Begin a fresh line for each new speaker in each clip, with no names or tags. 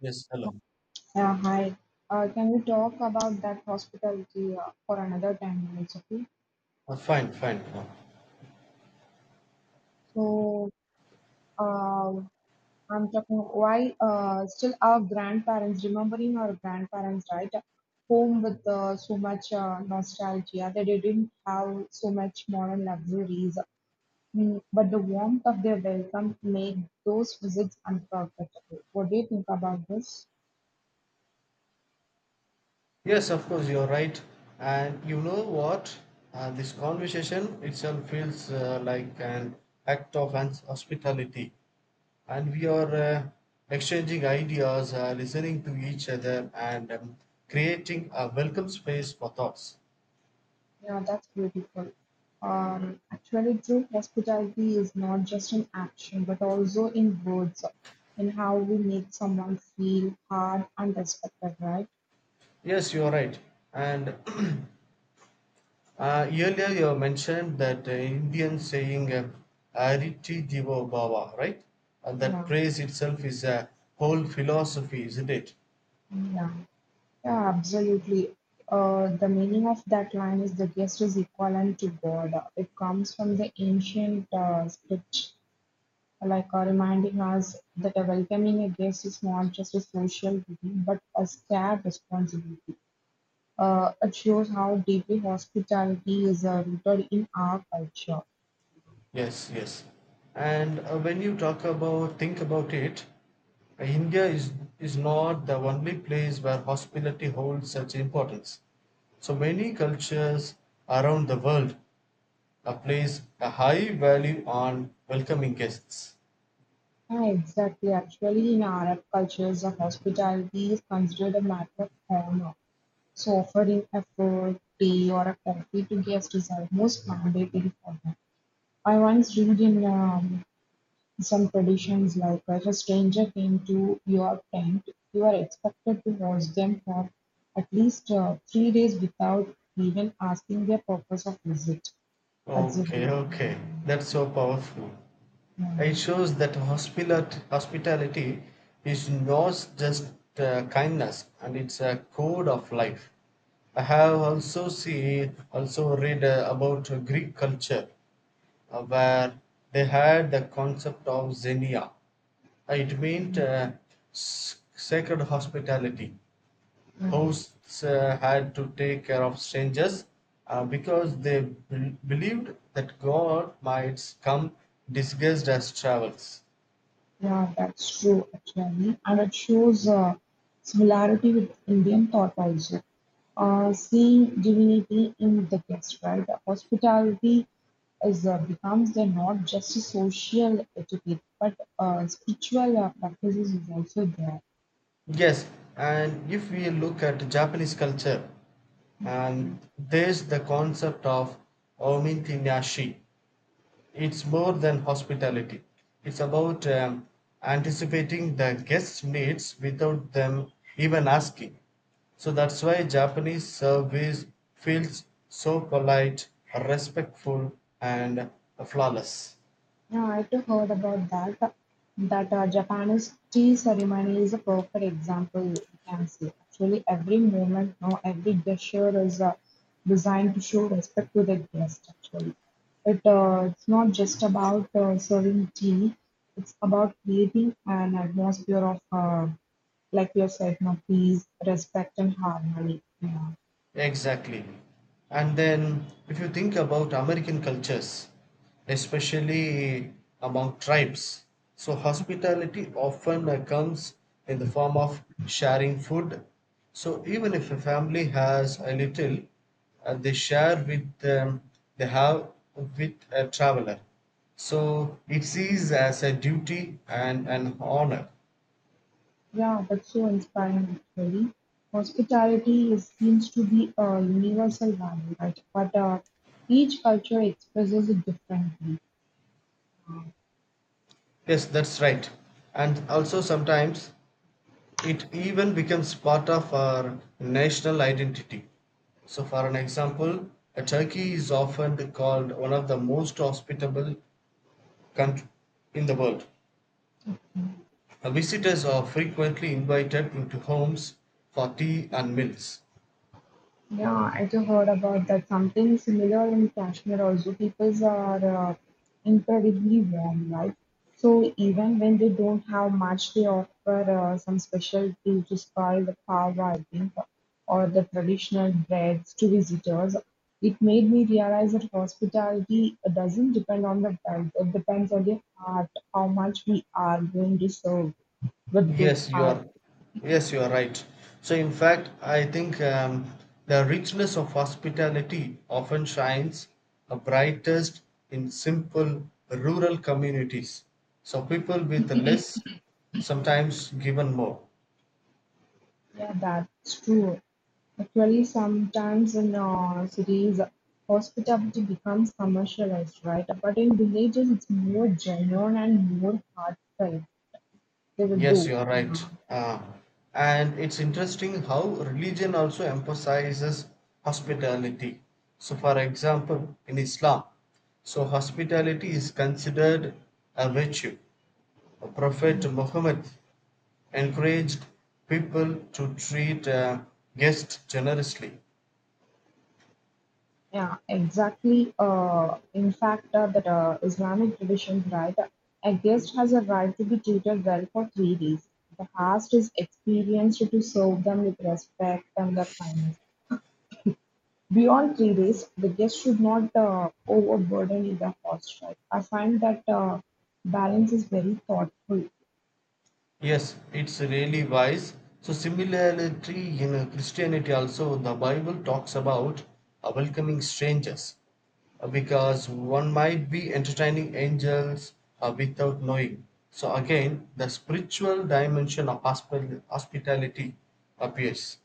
Yes, hello.
Yeah, hi. Can we talk about that hospitality for another 10 minutes, okay?
Fine, fine.
So, uh, I'm talking why still our grandparents, remembering our grandparents, right? Home with so much nostalgia they didn't have so much modern luxuries. But the warmth of their welcome made those visits unforgettable. What do you think about this?
Yes, of course, you're right. And you know what? This conversation itself feels like an act of hospitality. And we are exchanging ideas, listening to each other, and creating a welcome space for thoughts.
Yeah, that's beautiful. Actually, true hospitality is not just in action, but also in words, in how we make someone feel heard and respected, right?
Yes, you're right. And Earlier, you mentioned that Indian saying "Ariti Jivo Bhava," right? And that
Yeah.
praise itself is a whole philosophy, isn't it?
Yeah, yeah, absolutely. The meaning of that line is the guest is equivalent to God. It comes from the ancient speech, reminding us that welcoming a guest is not just a social duty, but a shared responsibility. It shows how deeply hospitality is rooted in our culture.
Yes, yes. And when you talk about, think about it, India is not the only place where hospitality holds such importance. So many cultures around the world place a high value on welcoming guests.
Yeah, exactly. Actually, in Arab cultures, the hospitality is considered a matter of honor. So, offering a food, tea, or a coffee to guests is almost mandatory for them. I once read in some traditions like if a stranger came to your tent, you are expected to host them for at least 3 days without even asking their purpose of visit.
Okay,
Absolutely.
okay,
Didn't.
that's so powerful.
mm,
It
mm,
shows that hospitality is not just kindness and it's a code of life. I have also seen, also read about Greek culture where they had the concept of xenia. It meant sacred hospitality.
mm.
Hosts had to take care of strangers because they believed that God might come disguised as travels.
Yeah, yeah, that's true actually, and it shows similarity with Indian thought also. Seeing divinity in the guest, right? Hospitality is becomes the not just a social etiquette, but spiritual practices is also there.
Yes, and if we look at Japanese culture, and there's the concept of omitinashi. It's more than hospitality. It's about anticipating the guest's needs without them even asking. So that's why Japanese service feels so polite, respectful, and flawless.
Yeah, I too heard about that. That Japanese tea ceremony is a perfect example, you can see. Actually, every moment now, every gesture is designed to show respect to the guest, actually. It's not just about serving tea, it's about creating an atmosphere of, like you said, no, peace, respect, and harmony. Yeah.
Exactly. And then, if you think about American cultures, especially among tribes, so hospitality often comes in the form of sharing food. So, even if a family has a little, they share with they have with a traveler. So, it sees as a duty and an honor.
Yeah, that's so inspiring actually. Hospitality is, seems to be a universal value, right? But each culture expresses it differently.
Yes, that's right. And also sometimes it even becomes part of our national identity. So, for an example, Turkey is often called one of the most hospitable countries in the world. Visitors are frequently invited into homes for tea and meals.
Yeah, I just heard about that. Something similar in Kashmir also. People are incredibly warm, right? So even when they don't have much, they offer some special tea to spoil the pav, I think, or the traditional breads to visitors. It made me realize that hospitality doesn't depend on the wealth. It depends on the heart, how much we are going to serve with good
Yes, you
heart.
are. Yes, you are right. So, in fact, I think the richness of hospitality often shines brightest in simple rural communities. So, people with less sometimes given more.
Yeah, that's true. Actually, sometimes in cities, hospitality becomes commercialized, right? But in villages, it's more genuine and more heartfelt. They will
Yes, you
do.
are
Yeah,
right. Uh, and it's interesting how religion also emphasizes hospitality. So, for example, in Islam, so hospitality is considered a virtue. Prophet Muhammad encouraged people to treat guests generously.
yeah exactly. In fact, that Islamic tradition, right? A guest has a right to be treated well for 3 days. The host is experienced to serve them with respect and the kindness. Beyond 3 days, the guest should not overburden the host, right? I find that balance is very thoughtful.
Yes, it's really wise. So, similarity in Christianity, also, the Bible talks about welcoming strangers because one might be entertaining angels without knowing. So, again, the spiritual dimension of hospitality appears.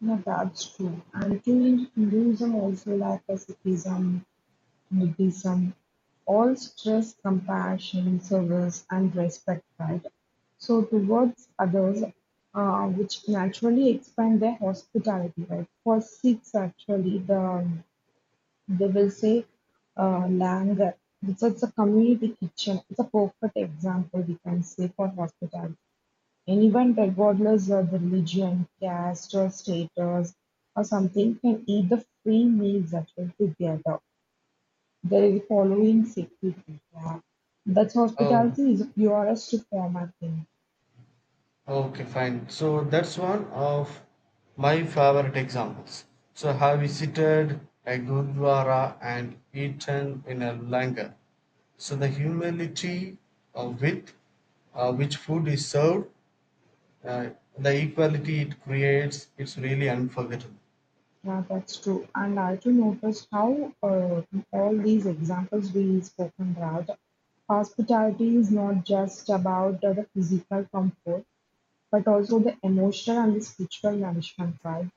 Yeah, that's true. And truly, Hinduism also like a Sikhism, Buddhism, all stress, compassion, service, and respect, right? So towards others, which naturally expand their hospitality, right? For Sikhs, actually, they will say langar. It's a community kitchen. It's a perfect example we can say for hospitality. Anyone, regardless of religion, caste, or status, or something, can eat the free meals that are together. There is following sacred. Yeah. That's
Oh,
hospitality is the purest form, I think.
okay, fine. So that's one of my favorite examples. So have visited a gurdwara and eaten in a langar. So the humility with which food is served, uh, the equality it creates, it's really unforgettable.
Yeah, that's true. And I too noticed how all these examples we spoken about, hospitality is not just about the physical comfort, but also the emotional and the spiritual nourishment, right?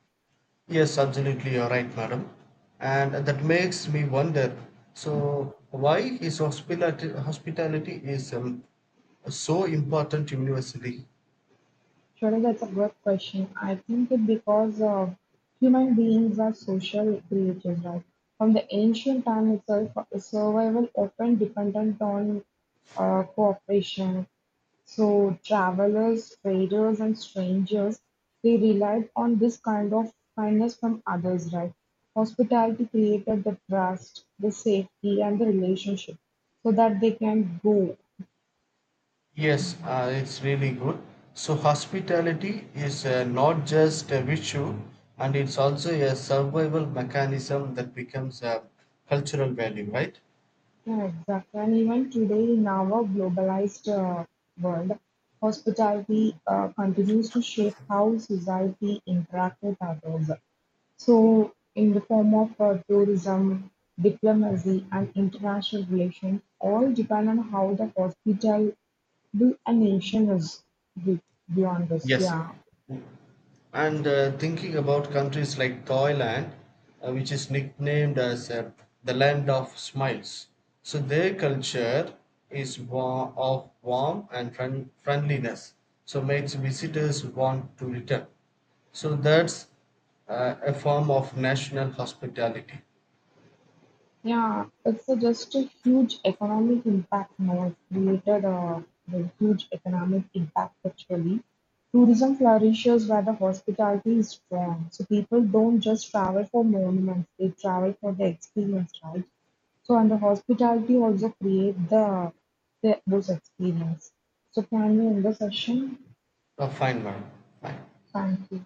Yes, absolutely, you're right, madam. And that makes me wonder. So why is hospitality is so important universally?
Surely that's a good question. I think it because human beings are social creatures, right? From the ancient time itself, survival often dependent on cooperation. So travelers, traders, and strangers, they relied on this kind of kindness from others, right? Hospitality created the trust, the safety, and the relationship so that they can go.
Yes, it's really good. So, hospitality is not just a virtue, and it's also a survival mechanism that becomes a cultural value, right?
Yeah, exactly. And even today, in our globalized world, hospitality continues to shape how society interacts with others. So, in the form of tourism, diplomacy, and international relations, all depend on how the hospitable a nation is be- beyond this.
Yes.
Yeah.
And thinking about countries like Thailand, which is nicknamed as the land of smiles. So their culture is of warmth and friendliness, so makes visitors want to return. So that's a form of national hospitality.
Yeah, it's a, just a huge economic impact now. It created a, the huge economic impact actually. Tourism flourishes where the hospitality is strong. So people don't just travel for monuments, they travel for the experience, right? So and the hospitality also create the those experience. So can you end the session?
A fine one.
Thank you.